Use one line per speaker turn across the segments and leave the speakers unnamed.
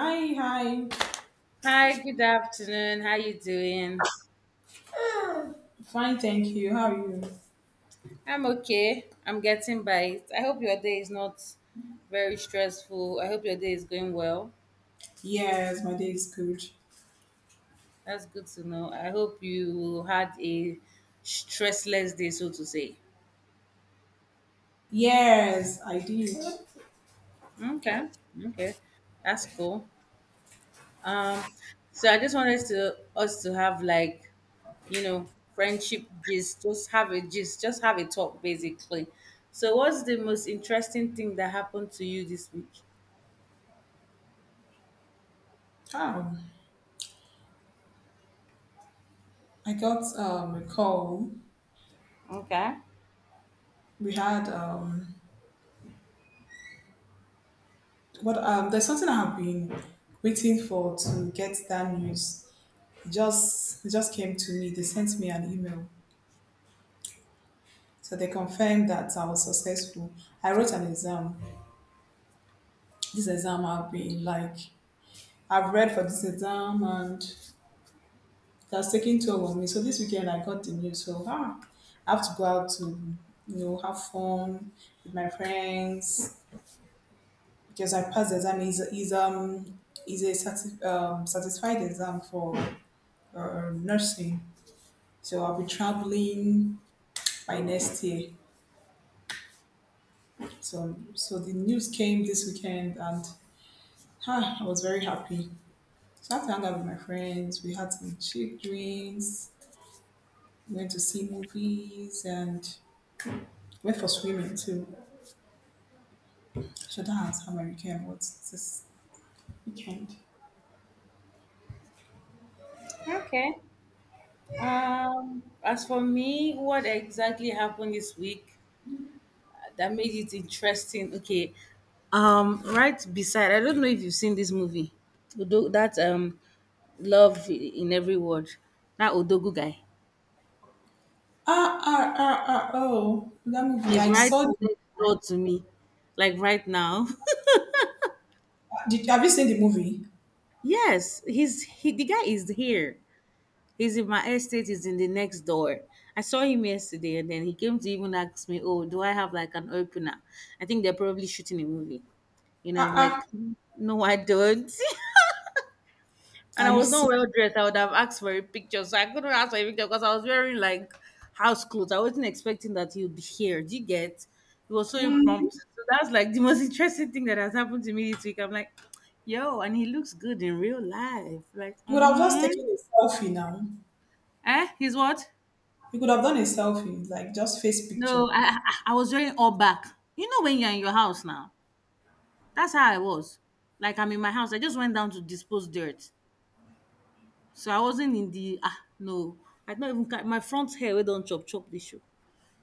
Hi, hi.
Hi, good afternoon. How you doing?
Fine, thank you. How are you?
I'm okay. I'm getting by it. I hope your day is not very stressful. I hope your day is going well.
Yes, my day is good.
That's good to know. I hope you had a stressless day, so to say.
Yes, I did.
Okay. Okay. That's cool. Um, so I just wanted to us to have like, you know, friendship gist, just have a gist, just have a talk basically. So what's the most interesting thing that happened to you this week?
How? I got a call.
Okay.
We had what There's something I have been waiting for to get that news. It just came to me. They sent me an email, so they confirmed that I was successful. I wrote an exam. This exam I've been like I've read for this exam, and it has taken toll on me. So this weekend I got the news. So I have to go out to have fun with my friends because I passed the exam. Is a satisfied exam for nursing. So I'll be traveling by next year. So the news came this weekend, and I was very happy. So I had to hang out with my friends. We had some cheap drinks. We went to see movies and went for swimming too. So that's how I weekend. What's this weekend?
Okay. As for me, what exactly happened this week that made it interesting? Okay. Right beside, I don't know if you've seen this movie, that love in every word. That Odogu guy,
Ah ah ah ah! Oh, that movie!
he's
I
right
saw.
next door to me, like right now.
Did Have you seen the movie?
yes, he's he. The guy is here. He's in my estate, he's in the next door. I saw him yesterday and then he came to even ask me, "Oh, do I have like an opener?" I think they're probably shooting a movie.
Ah
I'm
ah!
like, "No, I don't." And
Are
I
you
was not
see?
well dressed. I would have asked for a picture. So I couldn't ask for a picture because I was wearing like house clothes. I wasn't expecting that he would be here. Do you get? It was so
You
impromptu. So that's like the most interesting thing that has happened to me this week. I'm like, yo, and he looks good in real life. Like,
would have just taken a selfie now.
eh? He's what?
You could have done a selfie, like just face picture.
No, I was wearing all back. You know when you're in your house now. That's how I was. Like I'm in my house. I just went down to dispose dirt. So I wasn't in the no. I don't even my front hair we don't chop chop this show.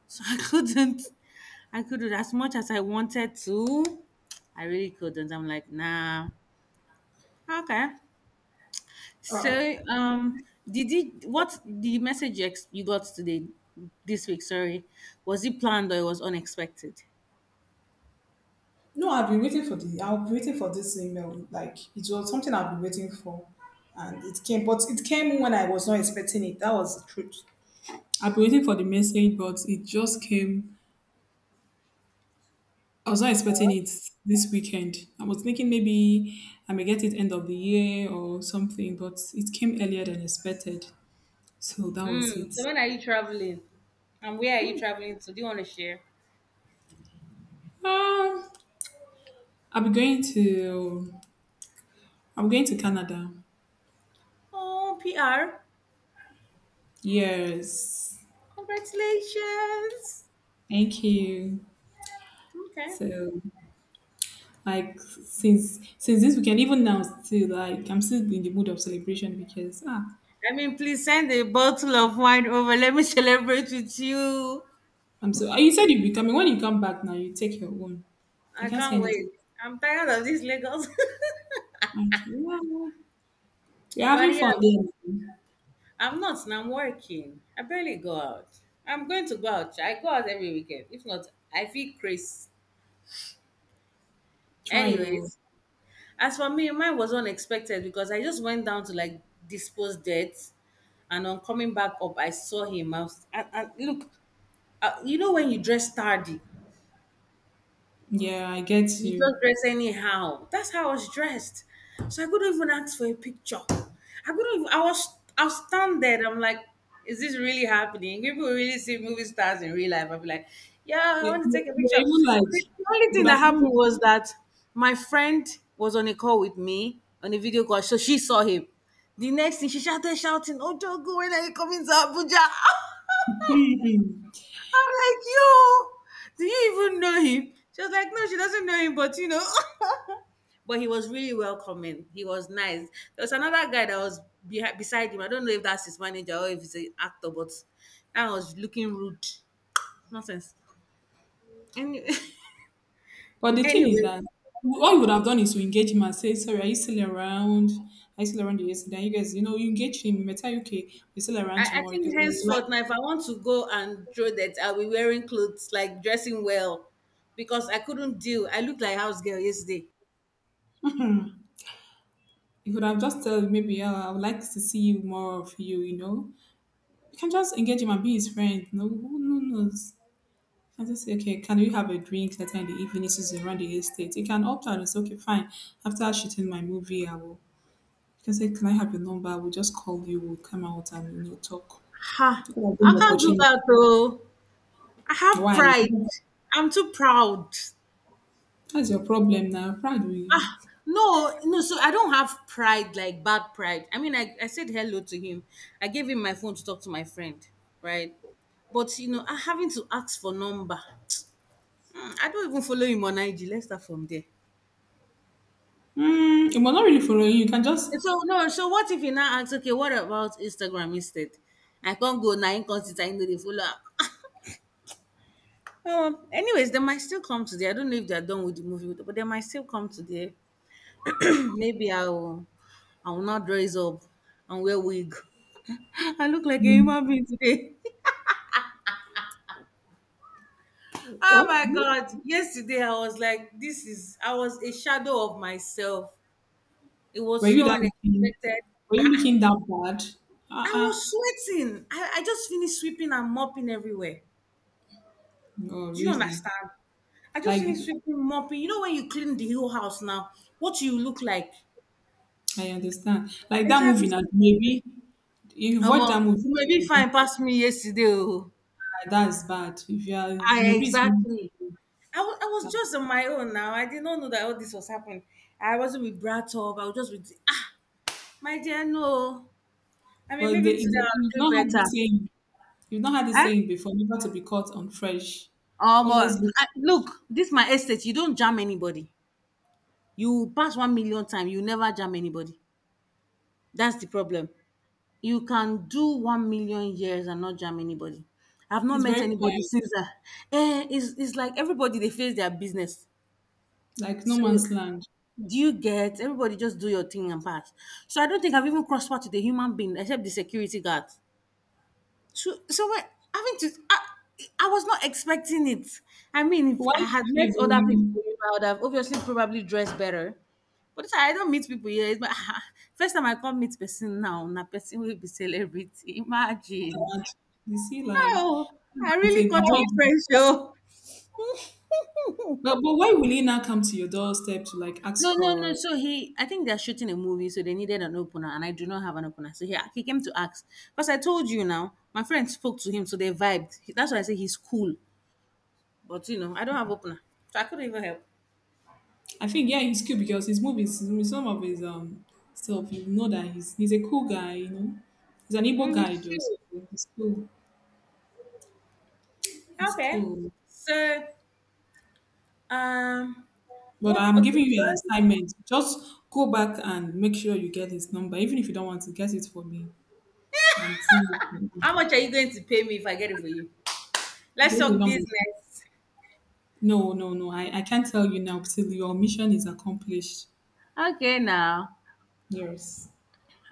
So I couldn't as much as I wanted to. I really couldn't. I'm like, nah. Okay.
Oh.
So did you what the message you you got today this week, sorry, was it planned or it was unexpected?
No, I've been waiting for the. I've been waiting for this email. Like it was something I've been waiting for, and it came. But it came when I was not expecting it. That was the truth. I've been waiting for the message, but it just came. I was not expecting it this weekend. I was thinking maybe I may get it end of the year or something, but it came earlier than expected. So that was
Mm.
it.
So when are you traveling? And where are you traveling to? Do you want to share?
Um, I'll be going to I'm going to Canada.
Oh, PR.
Yes.
Congratulations.
Thank you.
Okay.
So, like, since this weekend, even now still like I'm still in the mood of celebration because
I mean, please send a bottle of wine over. Let me celebrate with you.
I'm so you said you'll be coming. When you come back now, you take your own. I
I
can't
can't
send it.
wait. I'm tired of this Lagos.
Okay. Yeah. We're
But
having
yeah,
fun there.
I'm not. And I'm working. I barely go out. I'm going to go out. I go out every weekend. If not, I feel crazy.
Try you.
Anyways, as for me, mine was unexpected because I just went down to like dispose debt, and on coming back up, I saw him. I was, and look, you know when you dress tardy,
Yeah, I get
you
you.
just dress anyhow. That's how I was dressed. So I couldn't even ask for a picture. I couldn't. Even, I was. I was standing. I'm like, is this really happening? People really see movie stars in real life. I'll be like, yeah, I
Eh,
want to
You
take a
you
picture.
were even
But
like,
the only
you
thing
could
that
have,
happened was that my friend was on a call with me on a video call, so she saw him. The next thing she started shouting, "Oh, Jogo, when are you coming to Abuja?" I'm like, yo, do you even know him? She was like, no, she doesn't know him, but you know. But he was really welcoming. He was nice. There was another guy that was beside him. I don't know if that's his manager or if he's an actor, but that was looking rude. Nonsense. Anyway,
but the thing is
anyway
that all you would have done is to engage him and say, "Sorry, are you still around? Are you still around yesterday?" You guys, you engage him. You might tell you, "Okay, we're still around
I
tomorrow."
think
Because I would like,
henceforth now, if I want to go and throw that, I'll be wearing clothes, like dressing well, because I couldn't deal. I looked like house girl yesterday.
you could have just tell him, maybe, "Oh, I would like to see you more of you." You can just engage him and be his friend. Who knows? I just say, okay, can we have a drink later in the evening since it's around the estate? You can opt out and say, okay, fine. After shooting my movie, I will. You can say, "Can I have your number? We'll just call you. We'll come out and talk."
Ha!
People are
I
giving you
can't do
opportunity.
that though. I have
Why?
pride. I'm too proud.
That's your problem now. Pride will.
No, no, so I don't have pride, like bad pride. I mean, I said hello to him. I gave him my phone to talk to my friend, right? But, I having to ask for number. I don't even follow him on IG. Let's start from there.
It will not really follow you. You can just.
And so, no, so what if he now asks, okay, what about Instagram instead? I can't go now, because I know they follow up. Oh, anyways, they might still come today. I don't know if they're done with the movie, but they might still come today. Maybe I will not dress up and wear wig. I look like a
Mm,
human being today. Oh my
what?
God. Yesterday, I was like, this is, I was a shadow of myself. It
Were
was
you
so
that? Looking,
unexpected.
were
I,
you looking that bad?
I
Uh.
was sweating. I just finished sweeping and mopping everywhere.
No,
Do you
really.
understand? I just
Like
finished sweeping, mopping. You know, when you clean the whole house now, what you look like.
I understand. Like that movie now.
Exactly.
Maybe if you
Um,
watch that movie,
you may be
maybe
fine past me yesterday. Oh.
that's bad. If you are,
I
maybe it's.
exactly. I was
That.
just on my own now. I did not know that all this was happening. I wasn't with brought up. I was just with my dear, no. I mean,
But
maybe today
it's
I'll do
not how they
better.
say. You've not heard this
Eh?
saying before, never to be caught on fresh.
Um,
Always
uh,
be
I-
foolish.
look, this my estate. You don't jam anybody. You pass 1 million time, you never jam anybody. That's the problem. You can do 1 million years and not jam anybody. I've not
It's
met
very
anybody
quiet,
since that. Eh, it's like everybody they face their business.
like no
So
man's land.
do you get? Everybody just do your thing and pass. So I don't think I've even crossed path with a human being except the security guard. So when, having to, I was not expecting it. I mean, if I
Why
had met other people,
even
I would have obviously probably dressed better. But I don't meet people here. It's my, first time I come meet person now, na person will be celebrity. Imagine.
that? You see life.
Oh, I
It's
really
a
got on
big-
friends, yo.
But, why will he now come to your doorstep to like
No,
ask
no, no.
for?
So he, I think they're shooting a movie, so they needed an opener, and I do not have an opener. So he came to ask because I told you now. My friend spoke to him, so they vibed. That's why I say he's cool, but you know I don't have opener, so I couldn't even help.
I think yeah, he's cute because his movies, his- some of his stuff, you know that he's a cool guy. He's an
Mm,
Igbo guy
he's
though, so
chill.
he's cool. He's
Okay.
cool.
So, um,
But
what?
I'm
Okay.
giving you an assignment. Just go back and make sure you get his number, even if you don't want to get it for me. And see if you can
How much are you going to pay me if I get it for you? Let's
get the
talk
number.
business.
No, no, no. I can't tell you now till your mission is accomplished.
Okay, now.
Yes.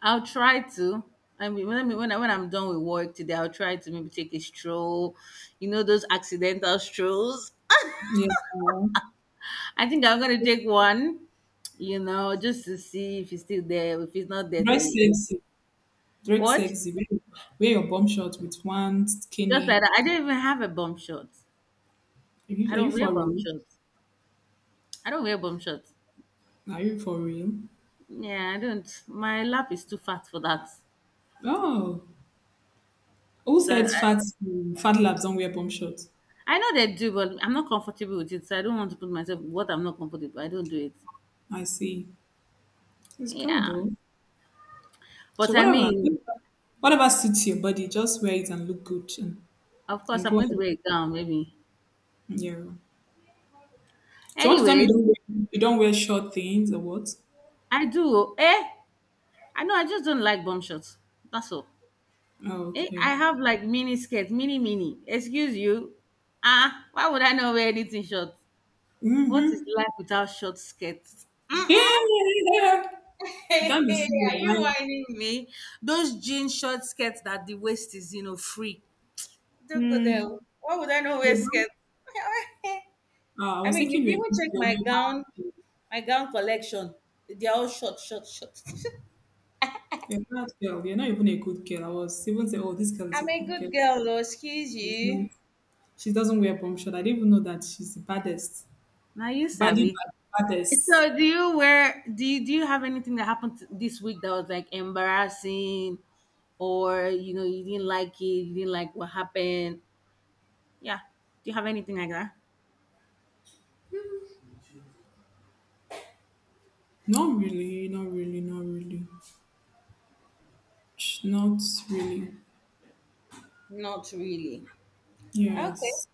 I'll try to. When I'm done with work today, I'll try to maybe take a stroll. You know, those accidental strolls.
Yeah.
I think I'm going to take one, just to see if he's still there. If he's not there,
Dress
to,
sexy. Dress
what?
sexy. Wear your bum shot with one
Just like
skinny.
that. I don't even have a bum shot.
Are
I
you, are
don't
you
wear
for
bum
real?
shots. I don't wear bum shots.
Are you for real?
Yeah, I don't. My lap is too fat for that.
Oh. Who
So
said fat labs don't wear bum shorts?
I know they do, but I'm not comfortable with it. So I don't want to put myself what I'm not comfortable. I don't do it.
I see. It's cool
Yeah,
though.
but
So
I
whatever,
mean,
whatever suits your body, just wear it and look good and,
of course,
and
I'm
go
going to
ahead.
wear a gown, maybe.
Yeah. So you want to tell me you
Anyways,
don't wear, you don't wear short things or what?
I do. Eh? I know. I just don't like bum shots. That's all.
Oh,
Eh? I
okay.
have like mini skirts, mini mini. Excuse you. Ah, why would I not wear anything short? What is
Mm-hmm.
life without short skirts?
Yeah.
Mm-mm.
You
Hey,
can't be serious.
are you
Like,
whining me? Those jean short skirts that the waist is, free. Don't go there.
hmm.
Why would I not wear
You're bad.
skirts?
Ah, I
I
was
mean,
thinking
if
you're a
people
good
check
girl. You're a bad,
my gown collection, they're all short, short, short.
you're a bad girl. You're not even a good girl. I was even saying, oh, this girl is a
I'm a
good
good
girl.
girl, though. Excuse
It's
you.
not. She doesn't wear bomb short. I didn't even know that she's the baddest.
Now you
Baddie,
savvy.
bad, baddest.
So do you wear do you have anything that happened this week that was like embarrassing or you didn't like it, you didn't like what happened? Yeah. Do you have anything like that?
Not really, not really, not really. Not really.
Not really. Okay.
Yes.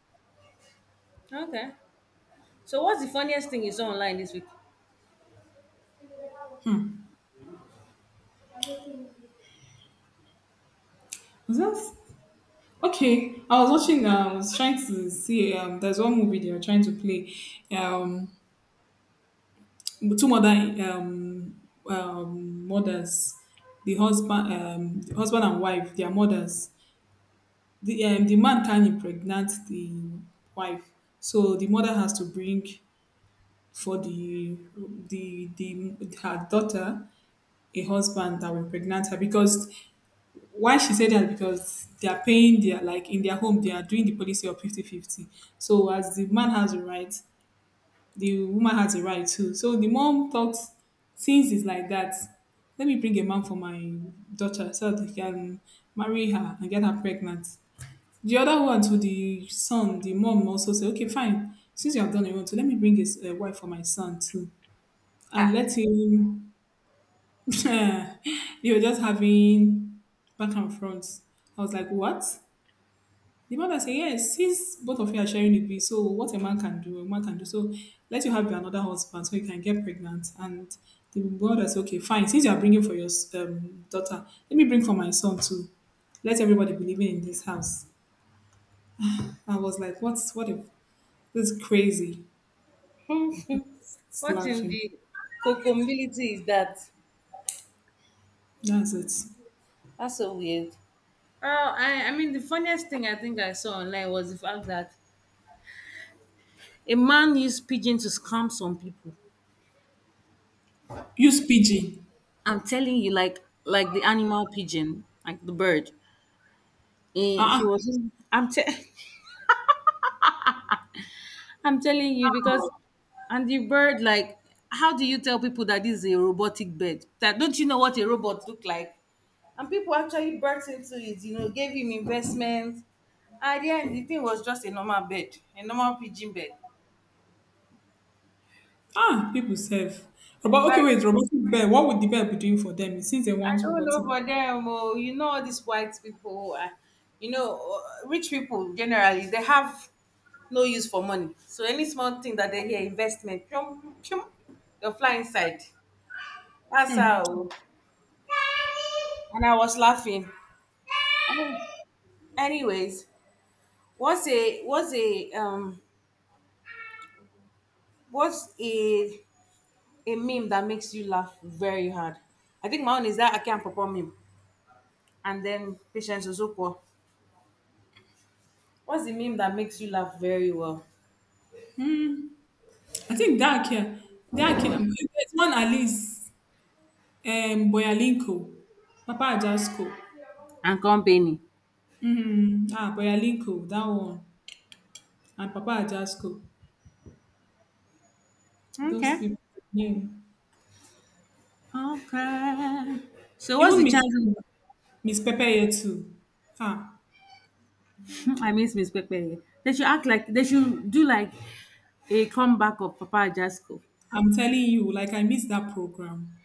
Okay. So, what's the funniest thing you saw online this week?
Hmm. Was that okay? I was watching. I was trying to see. There's one movie they were trying to play. Um, Two mother. Mothers, the husband, the husband and wife. They are mothers. The man can impregnate the wife, so the mother has to bring for the her daughter a husband that will impregnate her, because why she said that, because they are paying their, like, in their home, they are doing the policy of fifty-fifty. So as the man has a right, the woman has a right too, so the mom thought, since it's like that, let me bring a man for my daughter so that he can marry her and get her pregnant. The other one to the son, the mom also said, okay, fine, since you have done your own too, let me bring his wife for my son too,
Ha.
and let him they were just having back and front. I was like, what? The mother said, yes, since both of you are sharing the baby, so what a man can do, a woman can do. So let you have another husband so you can get pregnant. And the mother said, okay, fine. Since you are bringing for your daughter, let me bring for my son too. Let everybody be living in this house. I was like, what's what if this is crazy? It's
What in
laughing.
the cocombility is that?
That's it.
That's so weird. Oh, I mean the funniest thing I think I saw online was the fact that a man used pigeon to scam some people.
Use PG.
I'm telling you, like the animal pigeon, like the bird. Eh,
Ah,
he
ah,
was. I'm te- I'm telling you because, and the bird like, how do you tell people that this is a robotic bird? That don't you know what a robot look like? And people actually burst into it. Gave him investments. At the end, the thing was just a normal bird, a normal pigeon bird.
ah, people serve. Robot, okay,
Like
wait, robotic bear. What would the bear be doing for them since they
I
want
don't know
robotic?
for them. Oh, you know all these white people. Rich people generally they have no use for money. So any small thing that they hear investment, chum, chum, they'll fly inside. That's how. And I was laughing. Anyways, what's a what's a um what's a meme that makes you laugh very hard? I think my own is that I can't perform meme. And then patience Ozuko. What's the meme that makes you laugh very well?
I think that care, that care. There's one Alice. Boyalinko, Papa Ajasco.
And company.
Boyalinko, that one, and Papa Ajasco. Those
Okay.
people knew.
Okay. So what's
Even
the
Miss
challenge?
Miss Pepeye too. Ah,
I miss Miss Pepe. They should act like they should do like a comeback of Papa Jasco.
I'm telling you, like I miss that program.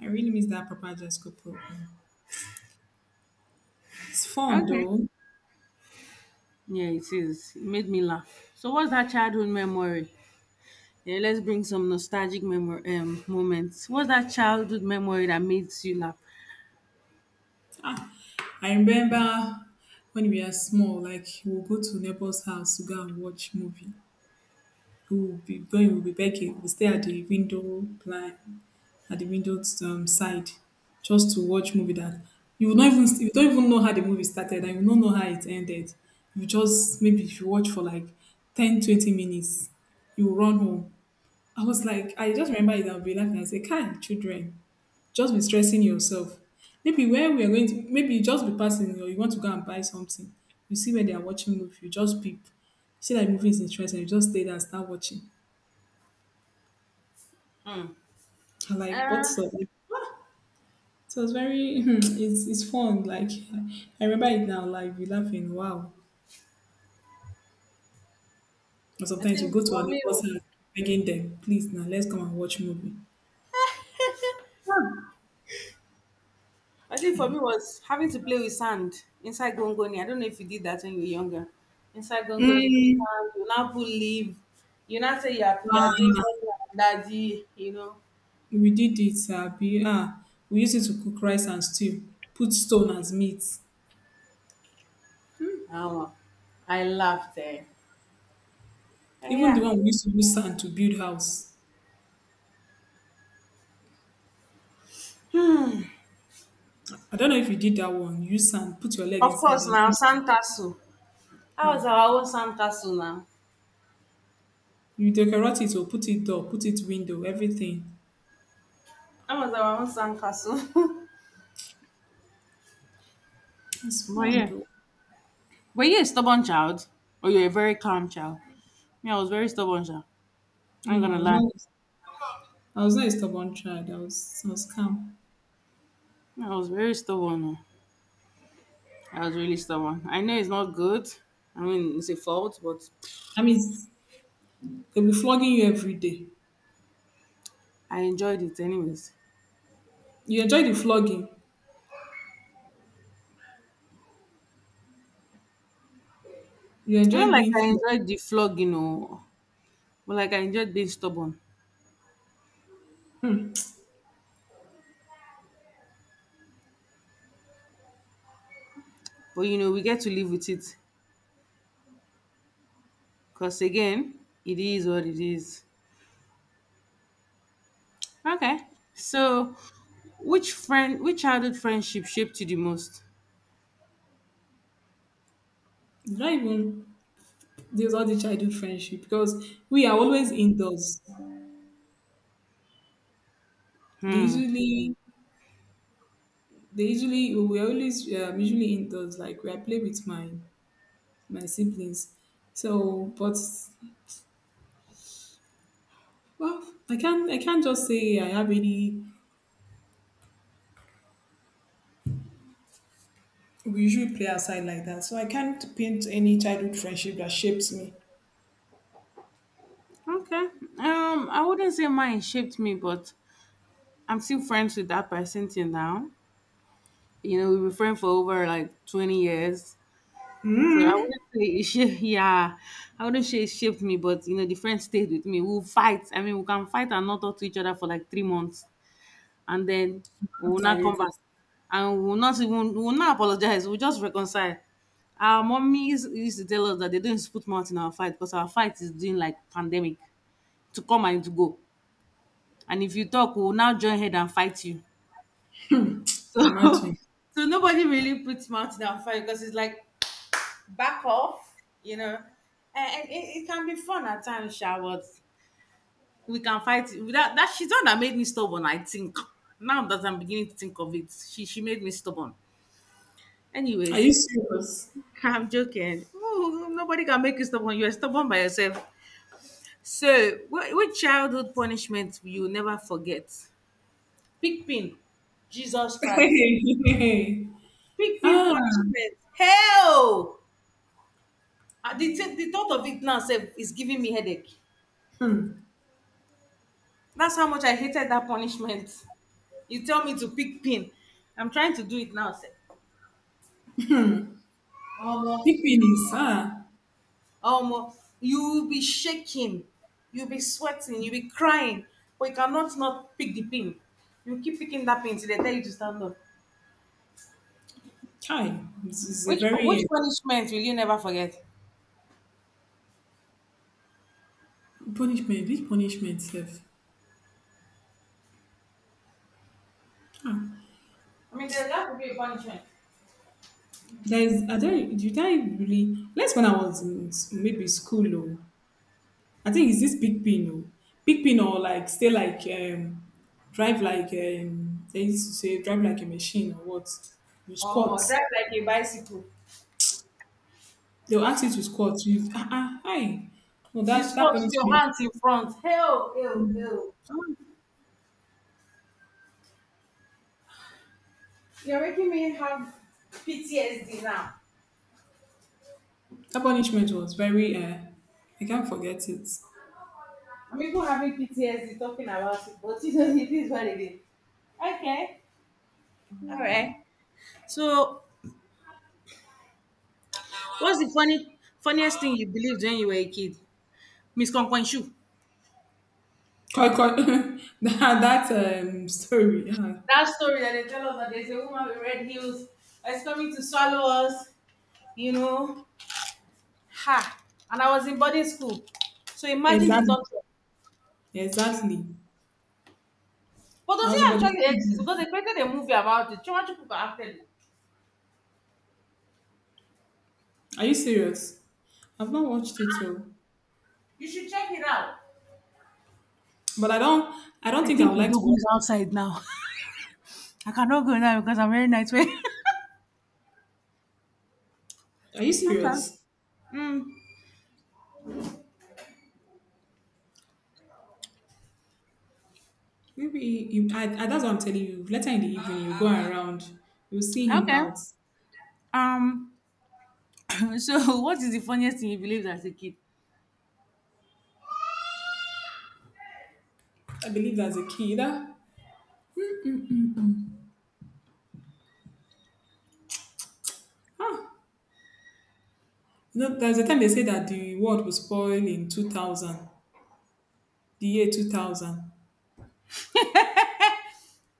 I really miss that Papa Ajasco program. It's fun
Okay.
though.
Yeah, it is. It made me laugh. So what's that childhood memory? Yeah, let's bring some nostalgic memory moments. What's that childhood memory that makes you laugh?
Ah, I remember when we are small, like we'll go to neighbor's house to go and watch movie. We'll be going, we'll be begging, we'll stay at the window blind at the windows side, just to watch movie that you don't even know how the movie started, and you don't know how it ended. You just maybe if you watch for like 10-20 minutes, you will run home. I was like, I just remember it. I'll be laughing. I say, "Can children just be stressing yourself? Maybe where we are going to, maybe you just be passing or you want to go and buy something. You see where they are watching movie, you just peep. See that movie is interesting, you just stay there and start watching. I'm like,
Uh,
what's up?" So it's very, it's fun. Like, I remember it now, like, we laughing, wow. Or
I
sometimes we
think
go to our
for me,
neighbor's house, begging them, please, now let's come and watch movie.
I think for
Kind.
me was having to play with sand inside gongoni. I don't know if you did that when you were younger. Inside gongoni, you put
Mm,
sand, you now put leaf, you now say you are, you
ah,
are doing mommy and daddy, you know.
we did it, we used it to cook rice and stew, put stone as meat.
Um, I laughed there. Eh. Eh,
Even the
yeah.
one we used to use sand to build house. I don't know if you did that one. Use sand, put your leg
Of
inside
course
and
now,
build.
sand castle. That was
Ah,
our own sand castle now.
you decorate it or put it door, put it window, everything.
That was our own sand castle.
It's
But
fun
yeah.
though.
Were you a stubborn child? Or you were a very calm child? Me, I was very stubborn child. I ain't gonna
No, it's
lie.
not. I was not a stubborn child. I was calm.
Me, I was very stubborn. Oh. I was really stubborn. I know it's not good. I mean, it's a fault, but
I mean, they'll be flogging you every day.
I enjoyed it anyways.
You enjoy the flogging. You
Not
enjoy
like
being
I
flogged.
enjoyed the flog, you know, but like I enjoyed being stubborn.
Hmm.
But you know, we get to live with it because again, it is what it is. Okay, so which childhood friendship shaped you the most?
You don't even There's all the childhood friendship because we are always indoors. They
Hmm.
usually, we are always usually indoors. Like we I play with my siblings. So, but well, I can't just say I have any. We usually play outside like that, so I can't paint any childhood friendship that shapes me.
Okay. I wouldn't say mine shaped me, but I'm still friends with that person till now. You know, we've been friends for over like 20 years. So I wouldn't say it shaped, yeah, I wouldn't say it shaped me, but you know, the friend stayed with me. We'll fight. I mean, we can fight and not talk to each other for like 3 months, and then we will
After
not
you.
come back, and we will not apologize. We'll just reconcile. Our mummies used to tell us that they don't put mouth in our fight because our fight is doing like pandemic to come and to go. And if you talk, we will now join head and fight you. So,
Imagine.
so nobody really puts mouth in our fight because it's like back off, you know. And, and it, it can be fun at times, Sha, but we can fight. It. That she's the one that made me stubborn, I think. Now that I'm beginning to think of it, she made me stubborn.
Are
Anyways,
you serious?
I'm joking. Ooh, nobody can make you stubborn. You're stubborn by yourself. So, what childhood punishment will you never forget? Pigpin. Jesus Christ. Pigpin
ah,
punishment. Hell! Ah, The thought of it now sef, is giving me headache. That's how much I hated that punishment. You tell me to pick pin. I'm trying to do it now. Say, Omo,
Big penis. Ah,
Omo, you will be shaking, you'll be sweating, you'll be crying, but you cannot not pick the pin. You keep picking that pin till they tell you to stand up.
hi. This is a
Which
very
which punishment will you never forget?
punishment. Which punishment, self?
I mean, there's got to be a punishment.
There is. I don't. Did I really? Let's when I was in maybe school. Oh, I think is this big pin. Oh, big pin or like stay like drive like they used to say drive like a machine or what? You squat.
Omo, drive like a bicycle.
They'll ask you to squat. You hi. No,
You
that
squat with your
punishment.
hands in front. Hell, hell, hell.
Ah.
You're making me have PTSD now.
That punishment was very, I can't forget it.
I'm even having PTSD talking about it, but it is what it is. Okay. All right. So, what's the funny funniest thing you believed when you were a kid? Miss Konkwanshu.
Koi koi, that story. Yeah.
That story that they tell us that there's a woman with red heels that's coming to swallow us, you know. Ha! And I was in boarding school. So imagine the
Exactly.
torture.
Exactly.
But does
I
it
was about
actually exist?
to-
Because they created a movie about it. Chimachukuka acted it.
Are you serious? I've not watched it so,
You should check it out.
but I don't. I don't
I
think I
think
would like to
Odogu
watch.
is outside now. I cannot go now because I'm wearing night wear.
Are you
Okay.
serious?
Mm,
Maybe you. That's what I'm telling you. Later in the evening, you go around. You'll see him
okay.
out.
Um. So, what is the funniest thing you believed as a kid?
I believe as a kid. That, huh. There's a time they say that the world was spoiled in 2000, the year 2000.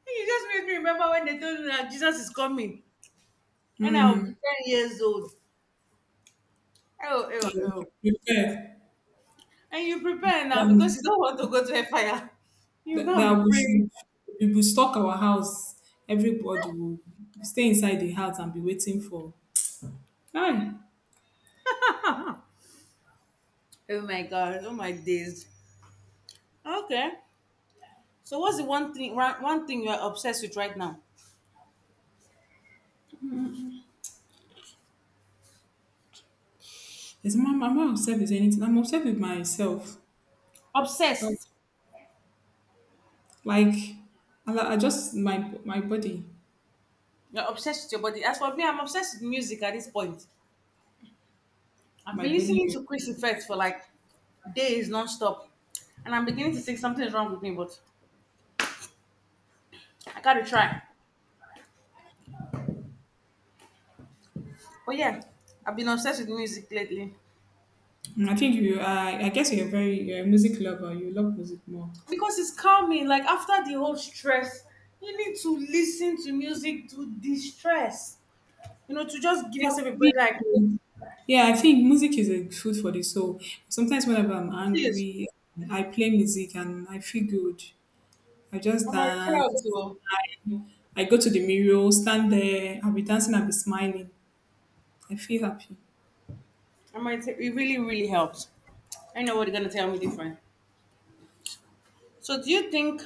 Hey, you just made me remember when they told me that Jesus is coming when I will be
Hmm.
10 years old. Oh,
That
oh,
we
oh.
should prepare.
And you prepare now because
Um,
you don't want to go to a fire. You
that,
go and
that
be
we
praying.
should we will stock our house. Everybody will stay inside the house and be waiting for. Hi,
Oh my God. Oh my days. Okay. So, what's the one thing? One thing you are obsessed with right now?
is my mama upset with anything? I'm upset with myself.
Obsessed.
Like, I just my body,
You're obsessed with your body. As for me, I'm obsessed with music at this point. I've
my
been listening
body.
to Chris Effect for like days nonstop, and I'm beginning to think something's wrong with me, but I gotta try. But yeah, I've been obsessed with music lately
I think you. I guess you're a music lover. You love music more.
because it's calming. Like after the whole stress, you need to listen to music to de-stress. You know, to just give
Yeah,
yourself a
me
break. Like,
too. Yeah, I think music is a food for the soul. Sometimes whenever I'm
please,
angry, I play music and I feel good. I just
I'm like,
dance.
it So,
I, I go to the mirror, stand there. I'll be dancing. I'll be smiling. I feel happy.
I'm like, it really helps. I know what you're gonna tell me different. So, do you think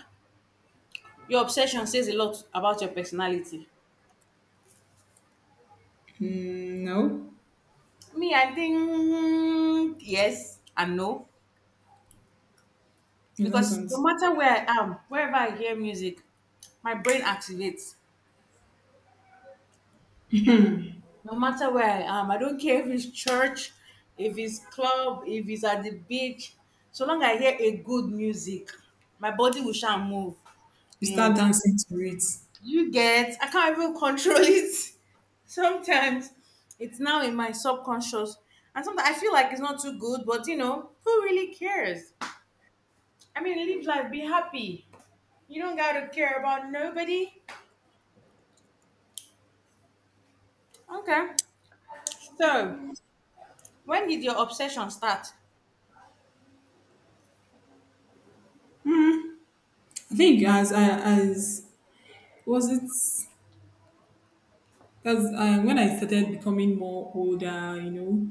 your obsession says a lot about your personality?
No,
Me, I think yes and no.
it
Because
doesn't.
no matter where I am, wherever I hear music, my brain activates. No matter where I am, I don't care if it's church, if it's club, if it's at the beach. So long I hear a good music, my body will shall move.
You
You know,
start dancing to it.
you get, I can't even control it. Sometimes it's now in my subconscious and sometimes I feel like it's not too good but you know who really cares. I mean, live life, be happy. You don't gotta care about nobody. Okay. So, when did your obsession start?
I think as I as was it as I, when I started becoming more older,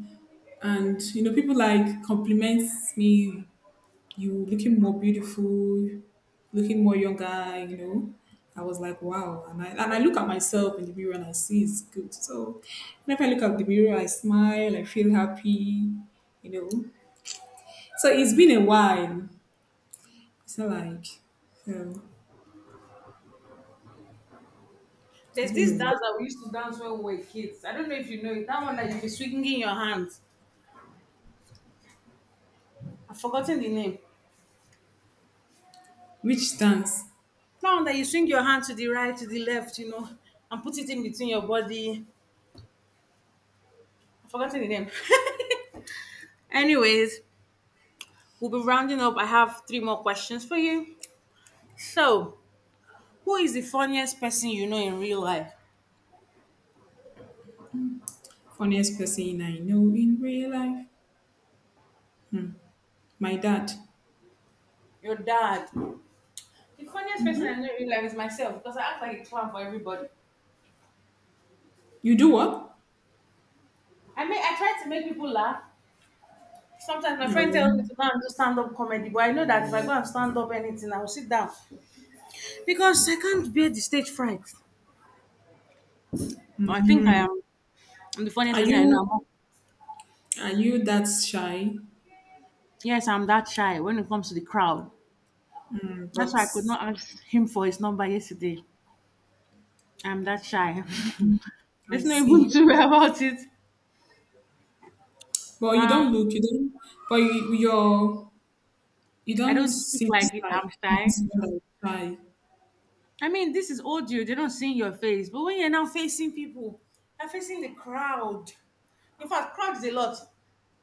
and you know people like compliment me, you looking more beautiful, looking more younger. I was like, wow. And I look at myself in the mirror and I see it's good. So whenever I look at the mirror, I smile, I feel happy, you know. So it's been a while. It's not like, so
There's
it's been a
this
while.
dance that we used to dance when we were kids. I don't know if you know it. That one that you be swinging your hands. I've forgotten the name.
Which dance?
That one that you swing your hand to the right, to the left, you know, and put it in between your body. I've forgotten the name. Anyways, we'll be rounding up. I have three more questions for you. So, who is the funniest person you know in real life?
Funniest person I know in real life? My dad.
Your dad. The funniest person I know in real life is myself because I act like a clown for everybody.
You do what?
I mean, I try to make people laugh. Sometimes my friend tells me
No.
to go and do stand up comedy, but I know that if I go and stand up anything, I will sit down because I can't bear the stage fright. I think I am. I'm the funniest
Are
person I
you,
know. I'm,
are you that shy?
yes, I'm that shy when it comes to the crowd.
Mm,
That's
but
why I could not ask him for his number yesterday. I'm that shy.
I
There's no even
see.
to worry about it.
But you
Um,
don't look, you don't, but you
I
don't
don't speak
seem
like
like,
I'm
you don't
shy.
seem like shy.
I mean, this is audio, they don't see your face. But when you're now facing people, you're facing the crowd. In fact, crowds a lot.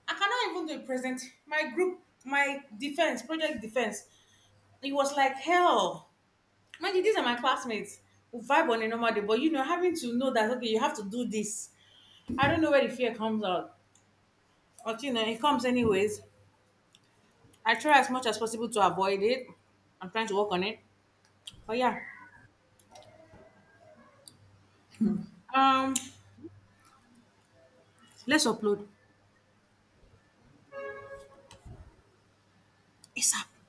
I cannot even do a present. My group, my defense, project defense, it was like hell. Mind you, these are my classmates who vibe on a normal day, but you know, having to know that, okay, you have to do this. I don't know where the fear comes out. But you know, it comes anyways. I try as much as possible to avoid it. I'm trying to work on it. But yeah, um, let's upload ASAP.